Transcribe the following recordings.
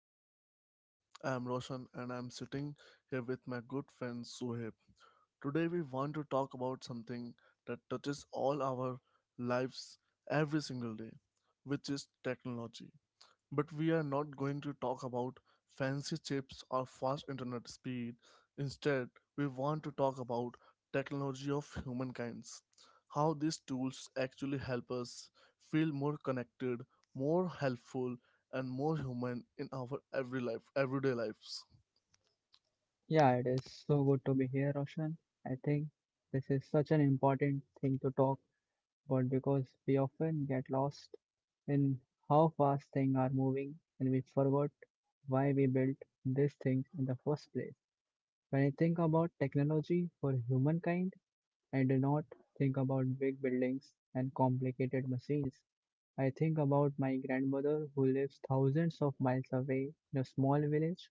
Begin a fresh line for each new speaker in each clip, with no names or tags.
our podcast. I'm Roshan, and I'm sitting here with my good friend Sohib. Today, we want to talk about something that touches all our lives every single day, which is technology. But we are not going to talk about fancy chips or fast internet speed. Instead, we want to talk about technology of humankind's. How these tools actually help us feel more connected, more helpful, and more human in our everyday lives.
Yeah, it is so good to be here, Roshan. I think this is such an important thing to talk about because we often get lost in how fast things are moving and we forgot why we built these things in the first place. When I think about technology for humankind, I do not think about big buildings and complicated machines. I think about my grandmother who lives thousands of miles away in a small village.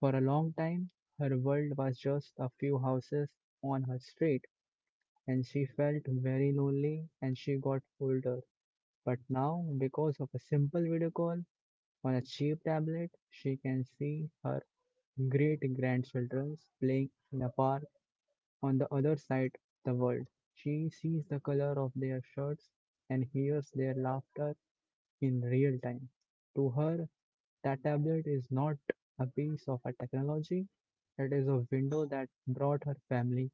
For a long time, her world was just a few houses on her street, and she felt very lonely and she got older. But now, because of a simple video call on a cheap tablet, she can see her great grandchildren playing in a park on the other side of the world. She sees the color of their shirts and hears their laughter in real time. To her, that tablet is not a piece of a technology, it is a window that brought her family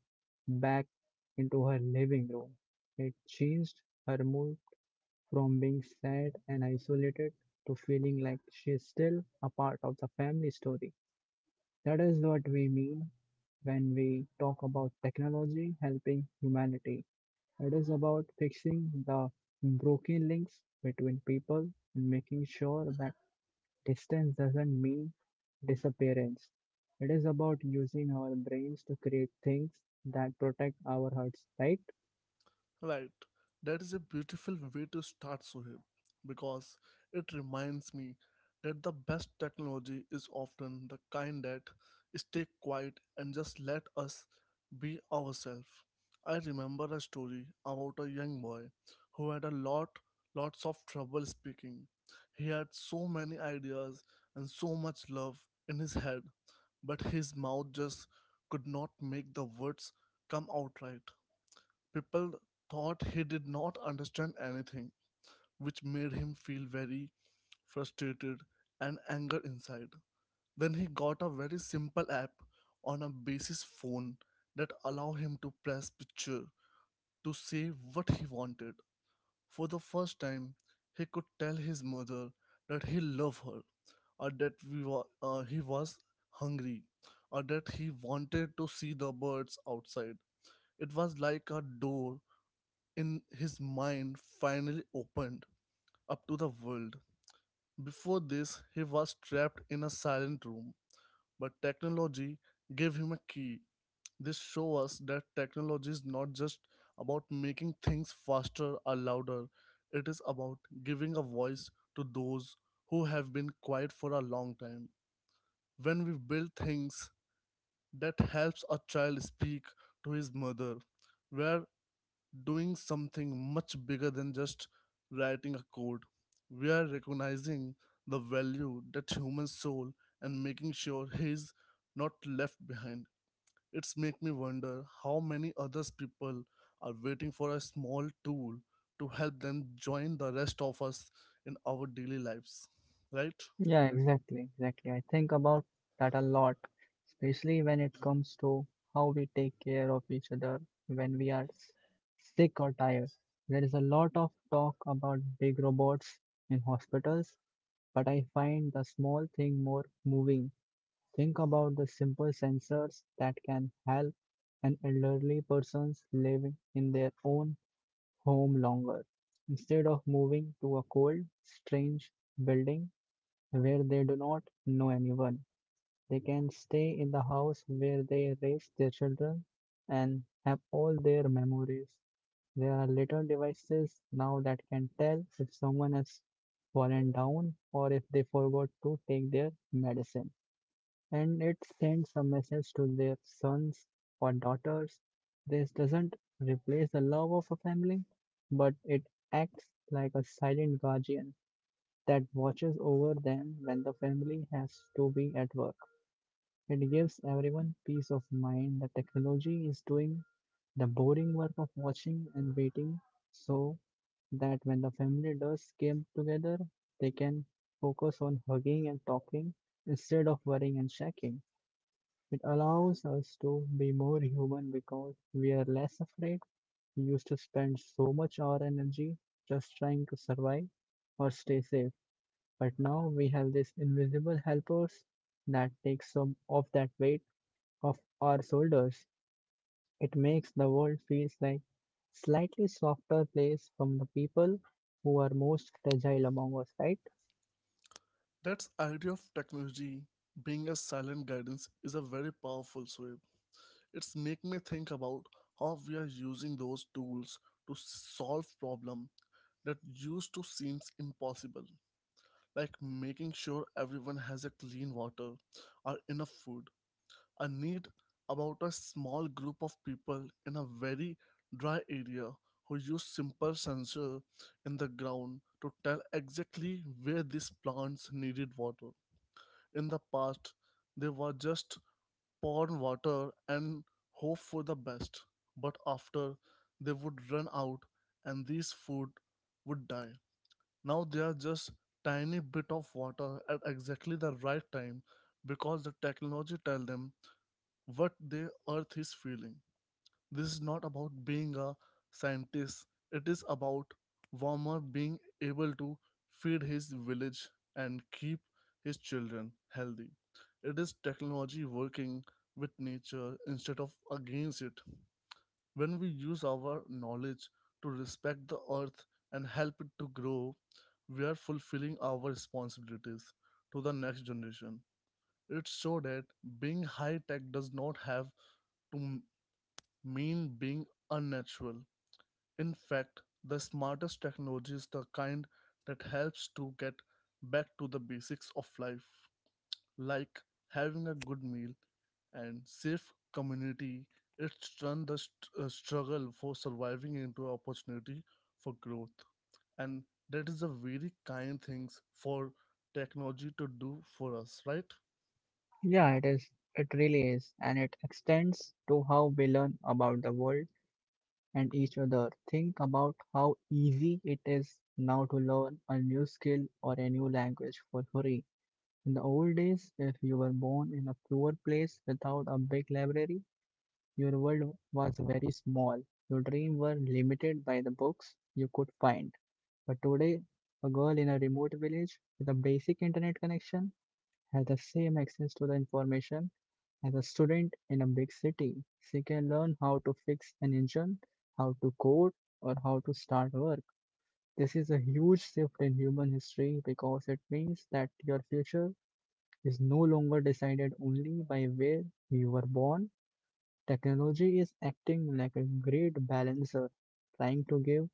back into her living room. It changed her mood from being sad and isolated to feeling like she is still a part of the family story. That is what we mean when we talk about technology helping humanity. It is about fixing the broken links between people and making sure that distance doesn't mean disappearance. It is about using our brains to create things that protect our hearts, right?
Right. That is a beautiful way to start, Sohib, because it reminds me that the best technology is often the kind that stay quiet and just let us be ourselves. I remember a story about a young boy who had lots of trouble speaking. He had so many ideas and so much love in his head, but his mouth just could not make the words come out right. People thought he did not understand anything, which made him feel very frustrated and anger inside. Then he got a very simple app on a basis phone that allowed him to press picture to say what he wanted. For the first time, he could tell his mother that he loved her, or that he was hungry, or that he wanted to see the birds outside. It was like a door in his mind finally opened up to the world. Before this, he was trapped in a silent room, but technology gave him a key. This shows us that technology is not just about making things faster or louder, it is about giving a voice to those who have been quiet for a long time. When we build things that helps a child speak to his mother, where doing something much bigger than just writing a code. We are recognizing the value that human soul and making sure he's not left behind. It's make me wonder how many others people are waiting for a small tool to help them join the rest of us in our daily lives. Right?
Yeah, exactly, exactly. I think about that a lot, especially when it comes to how we take care of each other when we are sick or tired. There is a lot of talk about big robots in hospitals, but I find the small thing more moving. Think about the simple sensors that can help an elderly person living in their own home longer, instead of moving to a cold, strange building where they do not know anyone. They can stay in the house where they raise their children and have all their memories. There are little devices now that can tell if someone has fallen down or if they forgot to take their medicine, and it sends a message to their sons or daughters. This doesn't replace the love of a family, but it acts like a silent guardian that watches over them when the family has to be at work. It gives everyone peace of mind that technology is doing the boring work of watching and waiting, so that when the family does come together, they can focus on hugging and talking instead of worrying and shaking. It allows us to be more human because we're less afraid. We used to spend so much our energy just trying to survive or stay safe, but now we have these invisible helpers that take some of that weight off our shoulders. It makes the world feels like slightly softer place from the people who are most fragile among us, right?
That's idea of technology being a silent guidance is a very powerful way. It's make me think about how we are using those tools to solve problem that used to seems impossible, like making sure everyone has a clean water or enough food. A need about a small group of people in a very dry area who use simple sensor in the ground to tell exactly where these plants needed water. In the past, they were just pour in water and hope for the best, but after they would run out and these food would die. Now they are just tiny bit of water at exactly the right time because the technology tell them what the earth is feeling. This is not about being a scientist, it is about Warmer being able to feed his village and keep his children healthy. It is technology working with nature instead of against it. When we use our knowledge to respect the earth and help it to grow, we are fulfilling our responsibilities to the next generation. It's so that being high tech does not have to mean being unnatural. In fact, the smartest technology is the kind that helps to get back to the basics of life, like having a good meal and safe community. It's turned the struggle for surviving into an opportunity for growth, and that is a very kind things for technology to do for us, right?
Yeah, it is. It really is, and it extends to how we learn about the world and each other. Think about how easy it is now to learn a new skill or a new language for free. In the old days, if you were born in a poor place without a big library, your world was very small. Your dreams were limited by the books you could find. But today, a girl in a remote village with a basic internet connection has the same access to the information as a student in a big city. She can learn how to fix an engine, how to code, or how to start work. This is a huge shift in human history because it means that your future is no longer decided only by where you were born. Technology is acting like a great balancer, trying to give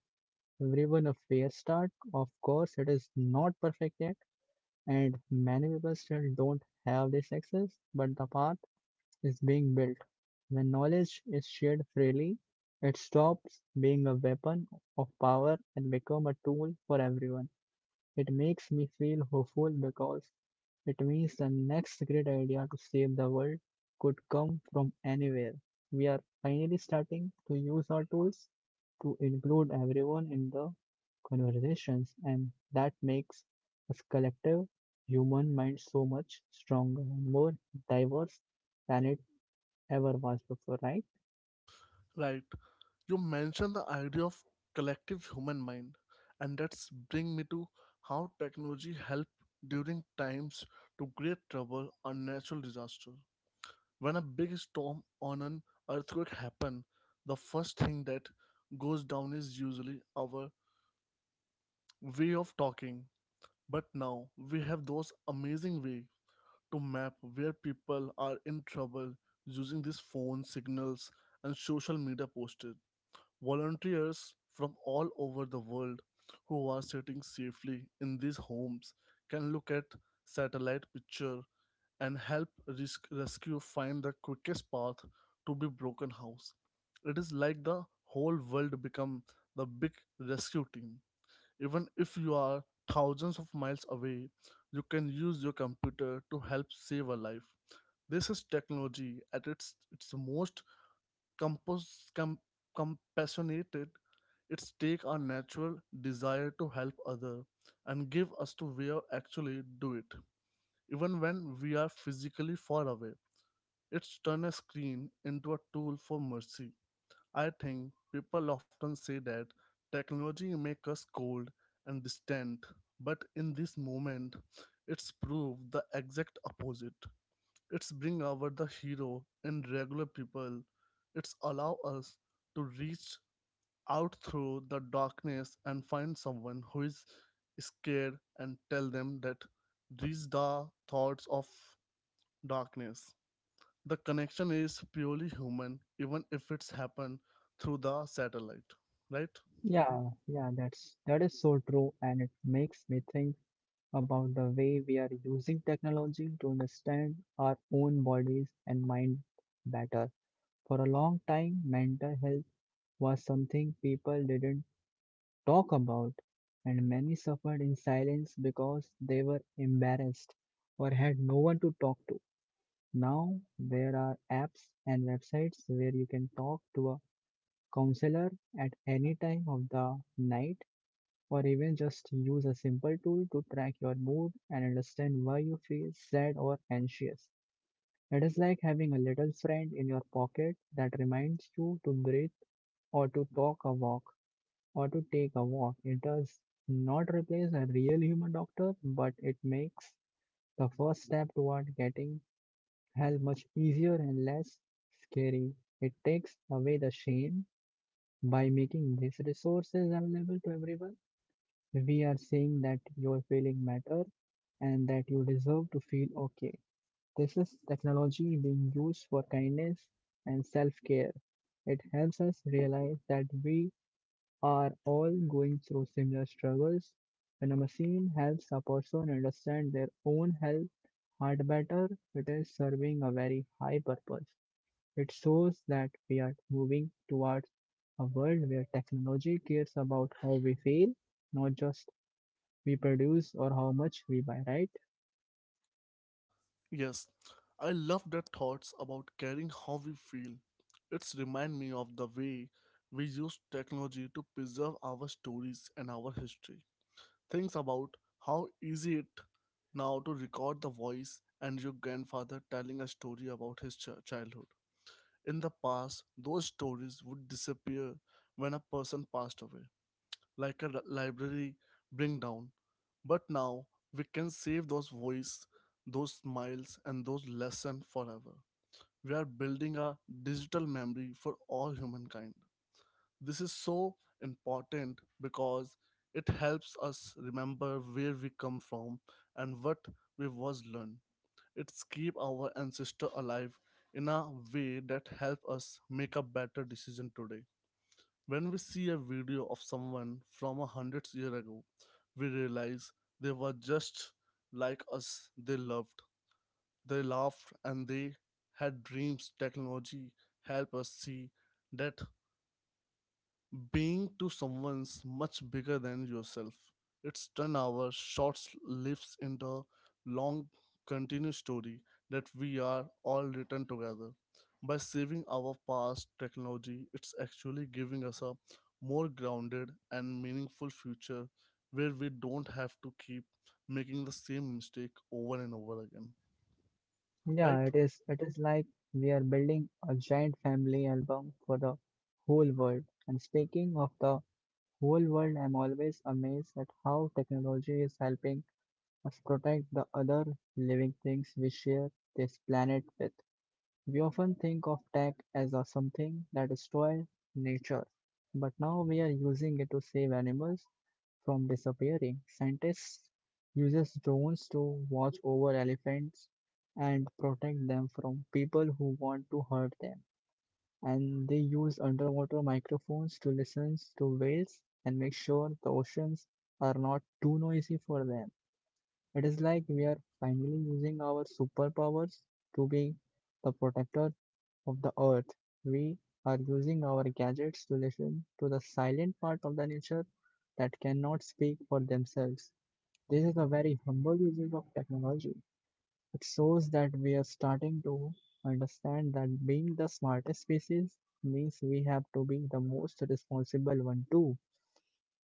everyone a fair start. Of course, it is not perfect yet, and many people still don't have this access, but the path is being built. When knowledge is shared freely, it stops being a weapon of power and become a tool for everyone. It makes me feel hopeful because it means the next great idea to save the world could come from anywhere. We are finally starting to use our tools to include everyone in the conversations, and that makes us collective human mind so much stronger and more diverse than it ever was before, right?
Right. You mentioned the idea of collective human mind, and that's bring me to how technology help during times to great trouble or natural disaster. When a big storm or an earthquake happen, the first thing that goes down is usually our way of talking. But now we have those amazing way to map where people are in trouble using these phone signals and social media posts. Volunteers from all over the world who are sitting safely in these homes can look at satellite picture and help risk rescue find the quickest path to be broken house. It is like the whole world become the big rescue team. Even if you are thousands of miles away, you can use your computer to help save a life. This is technology at its most compos, com, compassionate. It's take our natural desire to help other and give us to where actually do it, even when we are physically far away. It's turn a screen into a tool for mercy. I think people often say that technology make us cold and distant, but in this moment, it's proved the exact opposite. It's bring out the hero in regular people. It's allow us to reach out through the darkness and find someone who is scared and tell them that these are thoughts of darkness. The connection is purely human, even if it's happened through the satellite, right?
Yeah, yeah, that is so true, and it makes me think about the way we are using technology to understand our own bodies and mind better. For a long time, mental health was something people didn't talk about, and many suffered in silence because they were embarrassed or had no one to talk to. Now there are apps and websites where you can talk to a counselor at any time of the night, or even just use a simple tool to track your mood and understand why you feel sad or anxious. It is like having a little friend in your pocket that reminds you to breathe, or to talk a walk, or to take a walk. It does not replace a real human doctor, but it makes the first step toward getting help much easier and less scary. It takes away the shame. By making these resources available to everyone, we are saying that your feeling matter and that you deserve to feel okay. This is technology being used for kindness and self care. It helps us realize that we are all going through similar struggles. When a machine helps a person understand their own health heart better, it is serving a very high purpose. It shows that we are moving towards a world where technology cares about how we feel, not just we produce or how much we buy, right?
Yes, I love that thoughts about caring how we feel. It's remind me of the way we use technology to preserve our stories and our history. Think about how easy it now to record the voice and your grandfather telling a story about his childhood. In the past, those stories would disappear when a person passed away, like a library bring down. But now we can save those voice, those smiles, and those lessons forever. We are building a digital memory for all humankind. This is so important because it helps us remember where we come from and what we was learned. It's keep our ancestor alive in a way that help us make a better decision today. When we see a video of someone from 100 year ago, we realize they were just like us. They loved, they laughed, and they had dreams. Technology help us see that being to someone's much bigger than yourself. It's 10 our short lives in the long, continuous story that we are all written together. By saving our past technology, it's actually giving us a more grounded and meaningful future where we don't have to keep making the same mistake over and over again, right?
Yeah, it is. It is like we are building a giant family album for the whole world. And speaking of the whole world, I'm always amazed at how technology is helping us protect the other living things we share this planet with. We often think of tech as a something that destroys nature, but now we are using it to save animals from disappearing. Scientists uses drones to watch over elephants and protect them from people who want to hurt them. And they use underwater microphones to listen to whales and make sure the oceans are not too noisy for them. It is like we are finally using our superpowers to be the protectors of the earth. We are using our gadgets to listen to the silent part of the nature that cannot speak for themselves. This is a very humble usage of technology. It shows that we are starting to understand that being the smartest species means we have to be the most responsible one too.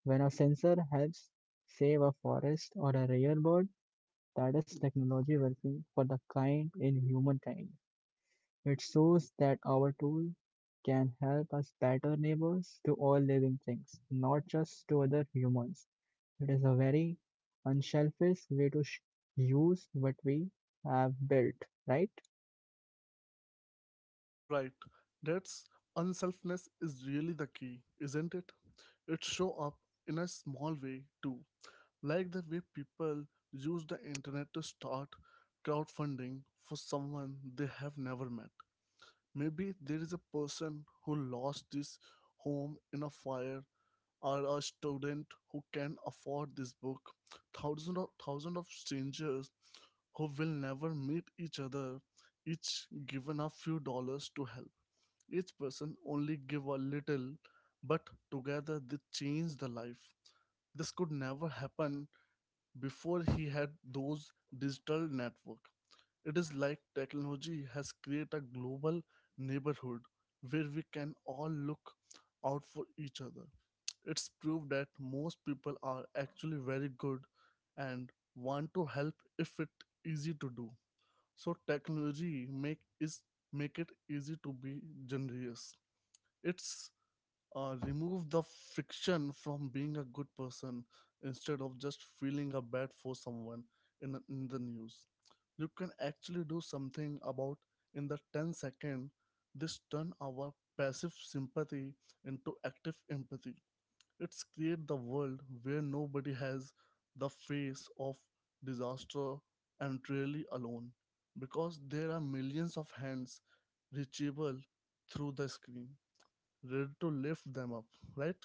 When a sensor helps save a forest or a rare bird, that is technology working for the kind in humankind. It shows that our tool can help us better neighbors to all living things, not just to other humans. It is a very unselfish way to use what we have built, right?
Right. That's unselfness is really the key, isn't it? It show up in a small way too, like the way people use the internet to start crowdfunding for someone they have never met. Maybe there is a person who lost his home in a fire or a student who can afford this book. Thousands of strangers who will never meet each other each given a few dollars to help. Each person only give a little, but together they change the life. This could never happen before he had those digital network. It is like technology has created a global neighborhood where we can all look out for each other. It's proved that most people are actually very good and want to help if it easy to do. So technology make is make it easy to be generous. It's remove the friction from being a good person instead of just feeling a bad for someone in the news. You can actually do something about in the 10 second. This turn our passive sympathy into active empathy. It's create the world where nobody has the face of disaster and really alone because there are millions of hands reachable through the screen ready to lift them up, right?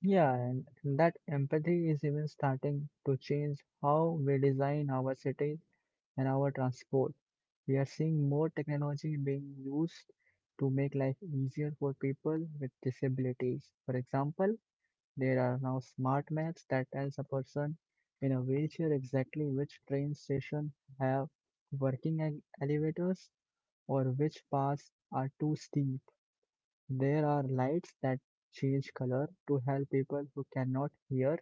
Yeah, and that empathy is even starting to change how we design our cities and our transport. We are seeing more technology being used to make life easier for people with disabilities. For example, there are now smart maps that tells a person in a wheelchair exactly which train station have working elevators or which paths are too steep. There are lights that change color to help people who cannot hear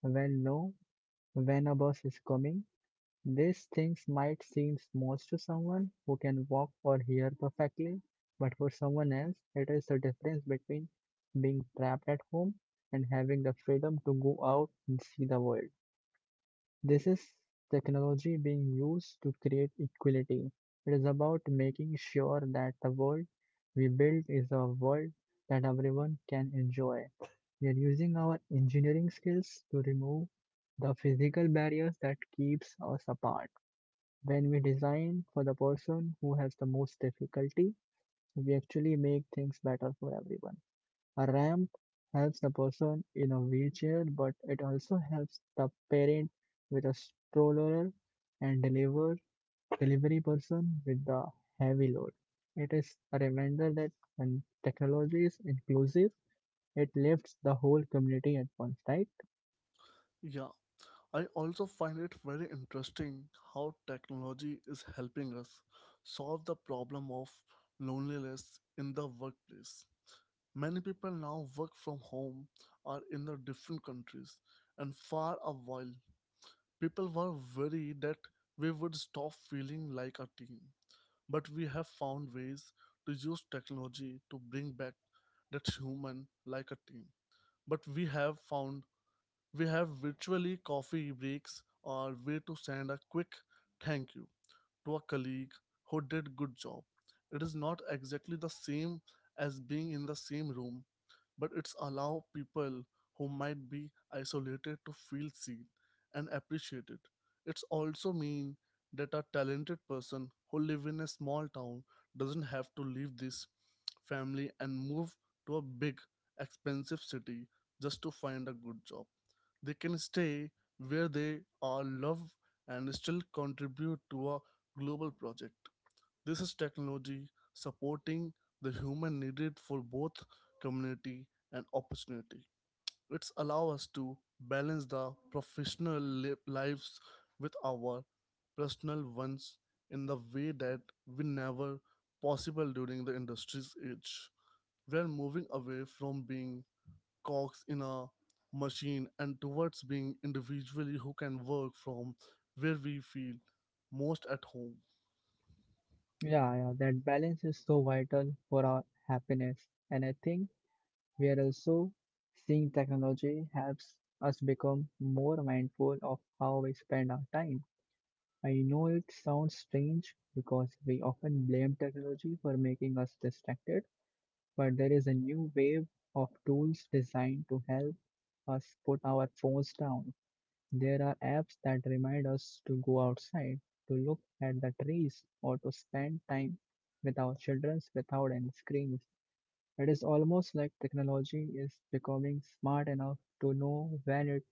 when know when a bus is coming. These things might seem small to someone who can walk or hear perfectly, but for someone else, it is the difference between being trapped at home and having the freedom to go out and see the world. This is technology being used to create equality. It is about making sure that the world we build is a world that everyone can enjoy. We are using our engineering skills to remove the physical barriers that keeps us apart. When we design for the person who has the most difficulty, we actually make things better for everyone. A ramp helps the person in a wheelchair, but it also helps the parent with a stroller and delivery person with the heavy load. It is a reminder that when technology is inclusive, it lifts the whole community at once, right?
Yeah, I also find it very interesting how technology is helping us solve the problem of loneliness in the workplace. Many people now work from home or in the different countries, and for a while, people were worried that we would stop feeling like a team. But we have found ways to use technology to bring back that human like a team. But we have found we have virtually coffee breaks or way to send a quick thank you to a colleague who did good job. It is not exactly the same as being in the same room, but it's allow people who might be isolated to feel seen and appreciated. It's also mean that a talented person who live in a small town doesn't have to leave this family and move to a big expensive city just to find a good job. They can stay where they are loved and still contribute to a global project. This is technology supporting the human needed for both community and opportunity. It's allow us to balance the professional lives with our personal ones in the way that we never possible during the industry's age. We are moving away from being cogs in a machine and towards being individually who can work from where we feel most at home.
Yeah, yeah, that balance is so vital for our happiness. And I think we are also seeing technology helps us become more mindful of how we spend our time. I know it sounds strange because we often blame technology for making us distracted, but there is a new wave of tools designed to help us put our phones down. There are apps that remind us to go outside, to look at the trees, or to spend time with our children without any screens. It is almost like technology is becoming smart enough to know when it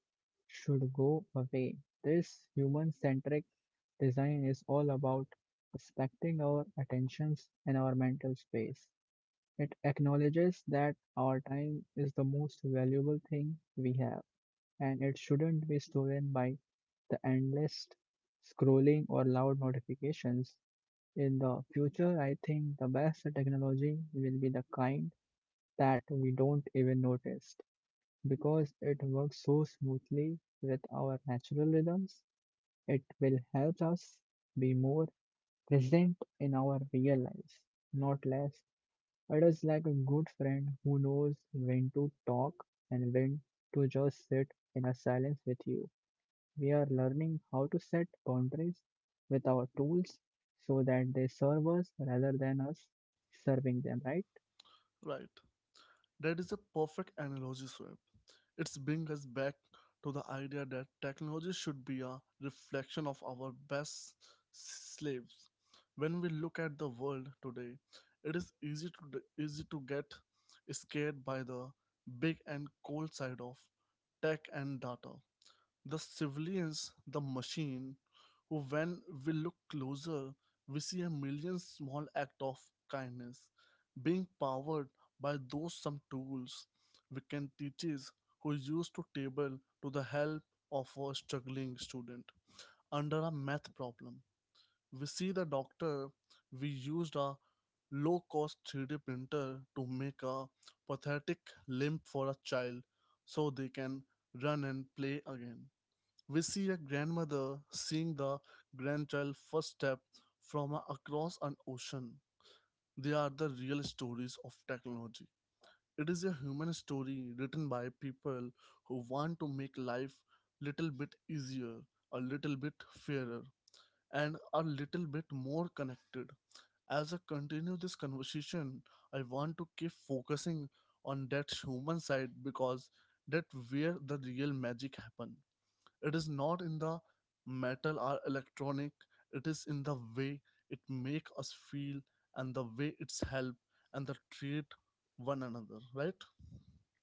should go away. This human centric design is all about respecting our attentions and our mental space. It acknowledges that our time is the most valuable thing we have, and it shouldn't be stolen by the endless scrolling or loud notifications. In the future, I think the best technology will be the kind that we don't even notice. Because it works so smoothly with our natural rhythms, it will help us be more present in our real lives, not less. It is like a good friend who knows when to talk and when to just sit in a silence with you. We are learning how to set boundaries with our tools so that they serve us rather than us serving them, right?
Right. That is a perfect analogy, Swift. It's bring us back to the idea that technology should be a reflection of our best slaves. When we look at the world today, it is easy to get scared by the big and cold side of tech and data, the civilians, the machine, who when we look closer, we see a million small act of kindness being powered by those some tools. We can teachers who used to table to the help of a struggling student under a math problem. We see the doctor we used a low cost 3D printer to make a pathetic limp for a child so they can run and play again. We see a grandmother seeing the grandchild first step from across an ocean. They are the real stories of technology. It is a human story written by people who want to make life little bit easier, a little bit fairer, and a little bit more connected. As I continue this conversation, I want to keep focusing on that human side because that where the real magic happen. It is not in the metal or electronic. It is in the way it make us feel and the way it's help and the treat one another, right?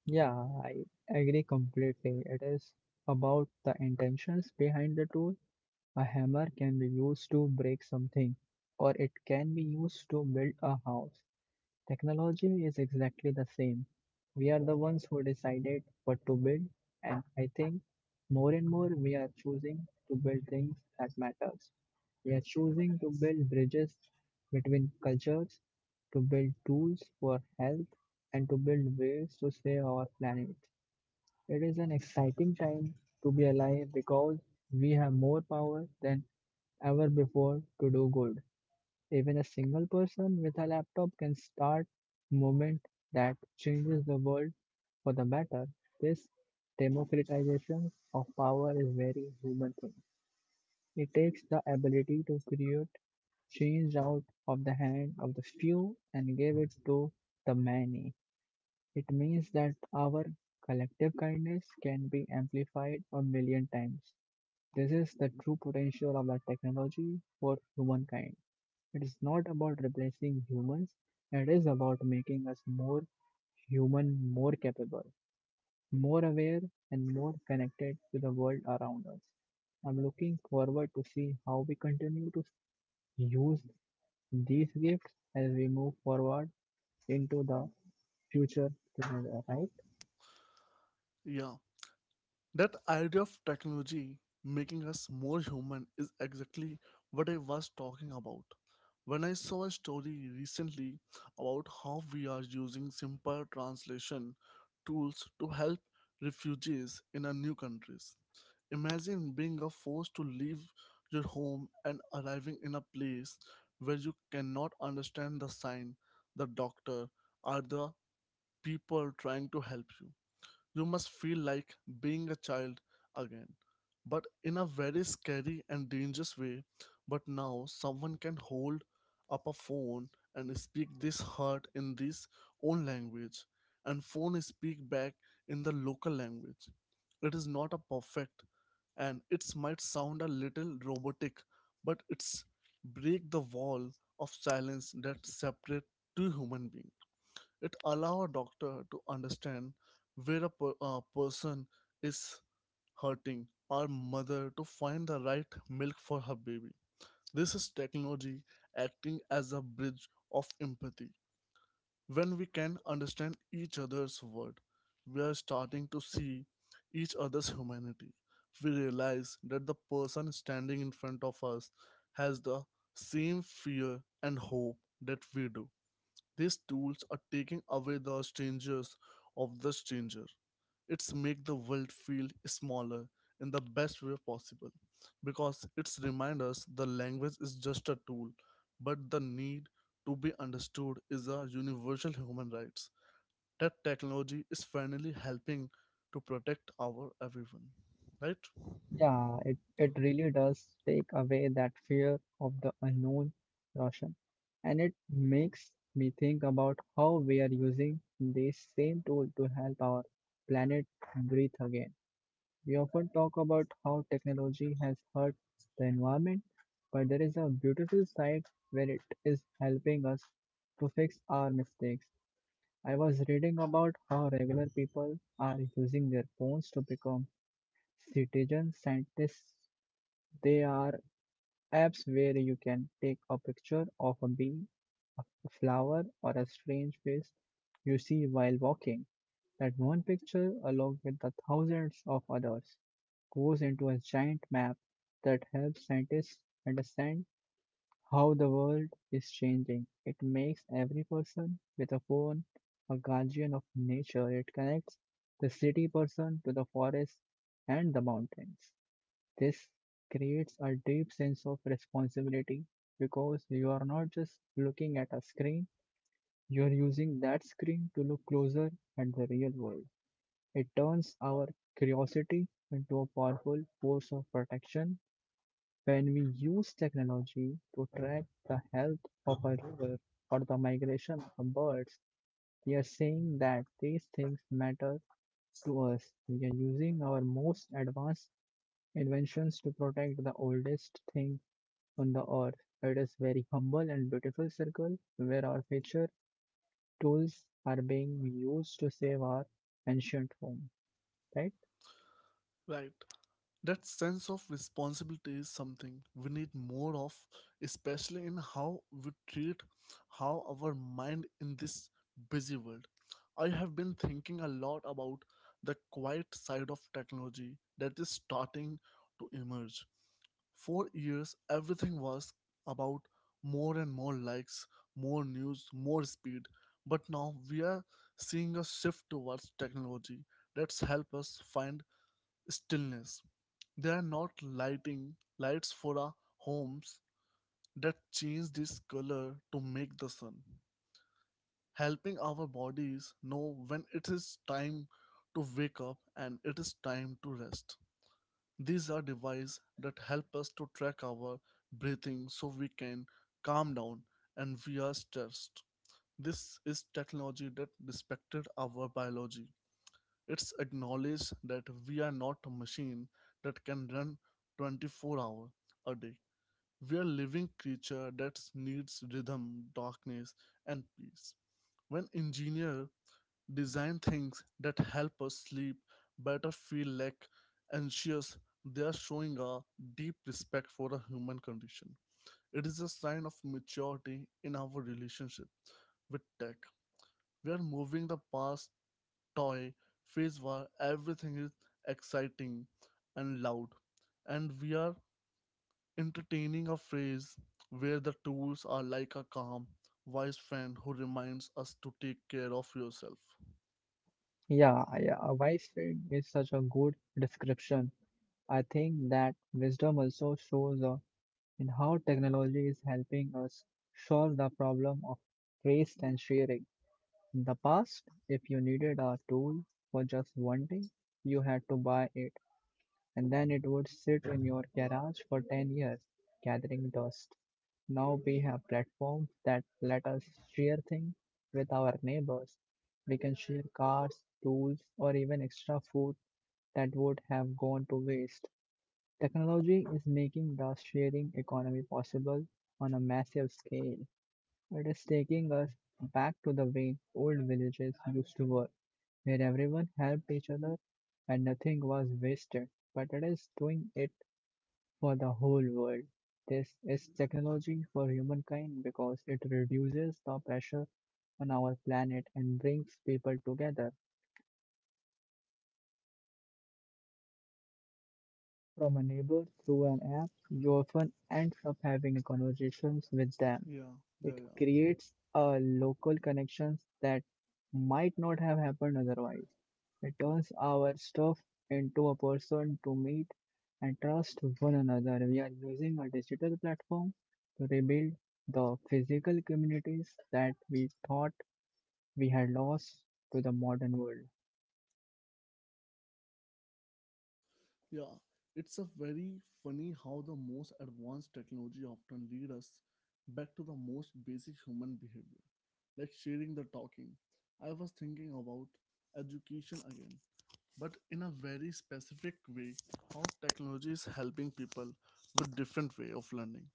Yeah, I agree completely. It is about the intentions behind the tool. A hammer can be used to break something, or it can be used to build a house. Technology is exactly the same. We are the ones who decided what to build, and I think more and more we are choosing to build things that matters. We are choosing to build bridges between cultures, to build tools for health, and to build ways to save our planet. It is an exciting time to be alive because we have more power than ever before to do good. Even a single person with a laptop can start movement that changes the world for the better. This democratization of power is very human thing. It takes the ability to create change out of the hand of the few and give it to the many. It means that our collective kindness can be amplified a million times. This is the true potential of the technology for humankind. It is not about replacing humans, it is about making us more human, more capable, more aware, and more connected to the world around us. I'm looking forward to see how we continue to use these gifts as we move forward into the future together, right?
Yeah. That idea of technology making us more human is exactly what I was talking about. When I saw a story recently about how we are using simple translation tools to help refugees in a new countries. Imagine being a forced to leave your home and arriving in a place where you cannot understand the sign, the doctor, or the people trying to help you. You must feel like being a child again, but in a very scary and dangerous way. But now someone can hold up a phone and speak this heart in this own language, and phone speak back in the local language. It is not a perfect, and it might sound a little robotic, but it's break the wall of silence that separate two human beings. It allows a doctor to understand where a person is hurting or mother to find the right milk for her baby. This is technology acting as a bridge of empathy. When we can understand each other's world, we are starting to see each other's humanity. We realize that the person standing in front of us has the same fear and hope that we do. These tools are taking away the strangers of the stranger. It's make the world feel smaller in the best way possible because it's remind us the language is just a tool, but the need to be understood is a universal human rights. That technology is finally helping to protect our everyone, right?
Yeah, it really does take away that fear of the unknown, Roshan. And it makes me think about how we are using this same tool to help our planet breathe again. We often talk about how technology has hurt the environment, but there is a beautiful side where it is helping us to fix our mistakes. I was reading about how regular people are using their phones to become citizen scientists they are apps where you can take a picture of a bee, a flower, or a strange face you see while walking. That one picture, along with the thousands of others, goes into a giant map that helps scientists understand how the world is changing. It makes every person with a phone a guardian of nature. It connects the city person to the forest and the mountains. This creates a deep sense of responsibility because you are not just looking at a screen, you are using that screen to look closer at the real world. It turns our curiosity into a powerful force of protection when we use technology to track the health of a river or the migration of birds. We are saying that these things matter to us. We are using our most advanced inventions to protect the oldest thing on the earth. It is very humble and beautiful circle where our future tools are being used to save our ancient home, right?
Right. That sense of responsibility is something we need more of, especially in how we treat how our mind in this busy world. I have been thinking a lot about the quiet side of technology that is starting to emerge. For years, everything was about more and more likes, more news, more speed. But now we are seeing a shift towards technology that's help us find stillness. They are not lighting lights for our homes that change this color to make the sun, helping our bodies know when it is time to wake up and it is time to rest. These are devices that help us to track our breathing so we can calm down and we are stressed. This is technology that respected our biology. It's acknowledged that we are not a machine that can run 24 hours a day. We are living creature that needs rhythm, darkness, and peace. When engineer design things that help us sleep, better feel like anxious, they are showing a deep respect for the human condition. It is a sign of maturity in our relationship with tech. We are moving the past toy phase where everything is exciting and loud, and we are entertaining a phrase where the tools are like a calm, wise friend who reminds us to take care of yourself.
Yeah, yeah, a wise friend is such a good description. I think that wisdom also shows in how technology is helping us solve the problem of waste and sharing. In the past, if you needed a tool for just one thing, you had to buy it and then it would sit in your garage for 10 years, gathering dust. Now we have platforms that let us share things with our neighbors. We can share cars, tools, or even extra food that would have gone to waste. Technology is making the sharing economy possible on a massive scale. It is taking us back to the way old villages used to work, where everyone helped each other and nothing was wasted. But it is doing it for the whole world. This is technology for humankind because it reduces the pressure on our planet and brings people together. From a neighbor through an app, you often end up having conversations with them.
Yeah, yeah,
It
yeah,
creates a local connections that might not have happened otherwise. It
yeah,
turns our stuff into a person to meet and trust one another. We are using a digital platform to rebuild the physical communities that we thought we had lost to the modern world.
yeah. It's a very funny how the most advanced technology often lead us back to the most basic human behavior, like sharing the talking. I was thinking about education again, but in a very specific way, how technology is helping people with different way of learning.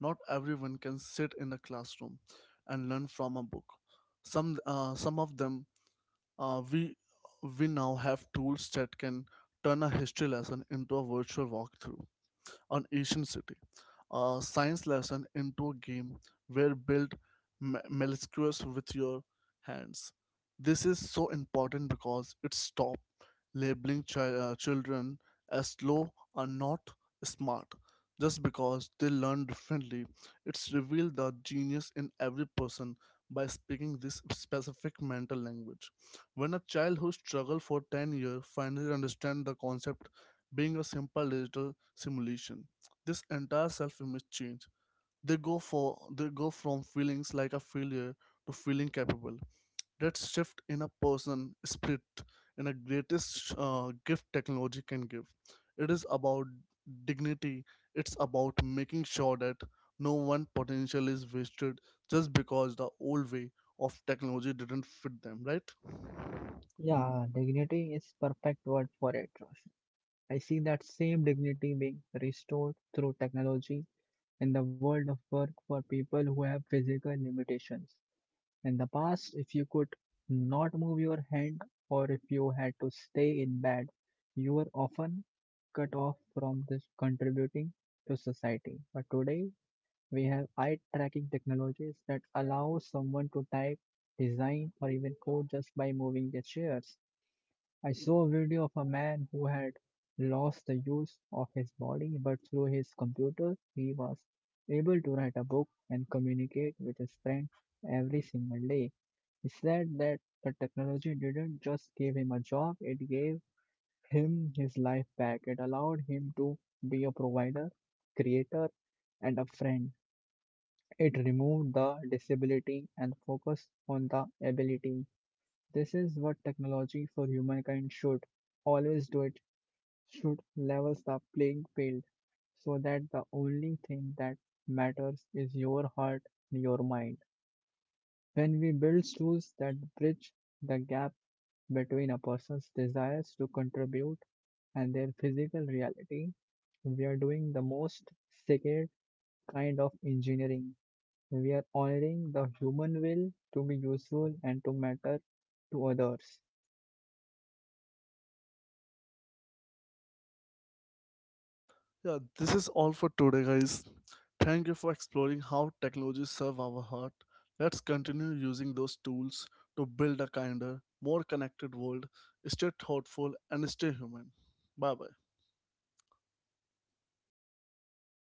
Not everyone can sit in a classroom and learn from a book. Some of them uh, we we now have tools that can turn a history lesson into a virtual walkthrough an ancient city. A science lesson into a game where build molecules with your hands. This is so important because it stops labeling children as slow or not smart just because they learn differently. It's revealed the genius in every person by speaking this specific mental language. When a child who struggled for 10 years finally understands the concept being a simple digital simulation. This entire self-image change. They go from feelings like a failure to feeling capable. That shift in a person spirit in a greatest gift technology can give. It is about dignity. It's about making sure that no one potential is wasted just because the old way of technology didn't fit them, right?
Yeah, dignity is perfect word for it, Roshan. I see that same dignity being restored through technology in the world of work for people who have physical limitations. In the past, if you could not move your hand or if you had to stay in bed, you were often cut off from this contributing to society. But today, we have eye tracking technologies that allow someone to type, design, or even code just by moving their chairs. I saw a video of a man who had lost the use of his body, but through his computer, he was able to write a book and communicate with his friends every single day. He said that the technology didn't just give him a job, it gave him his life back. It allowed him to be a provider, creator, and a friend. It removed the disability and focused on the ability. This is what technology for humankind should always do it should level the playing field so that the only thing that matters is your heart and your mind. When we build tools that bridge the gap between a person's desires to contribute and their physical reality, we are doing the most sacred kind of engineering. We are honoring the human will to be useful and to matter to others.
Yeah, this is all for today, guys. Thank you for exploring how technologies serve our heart. Let's continue using those tools to build a kinder, more connected world. Stay thoughtful and stay human. Bye bye.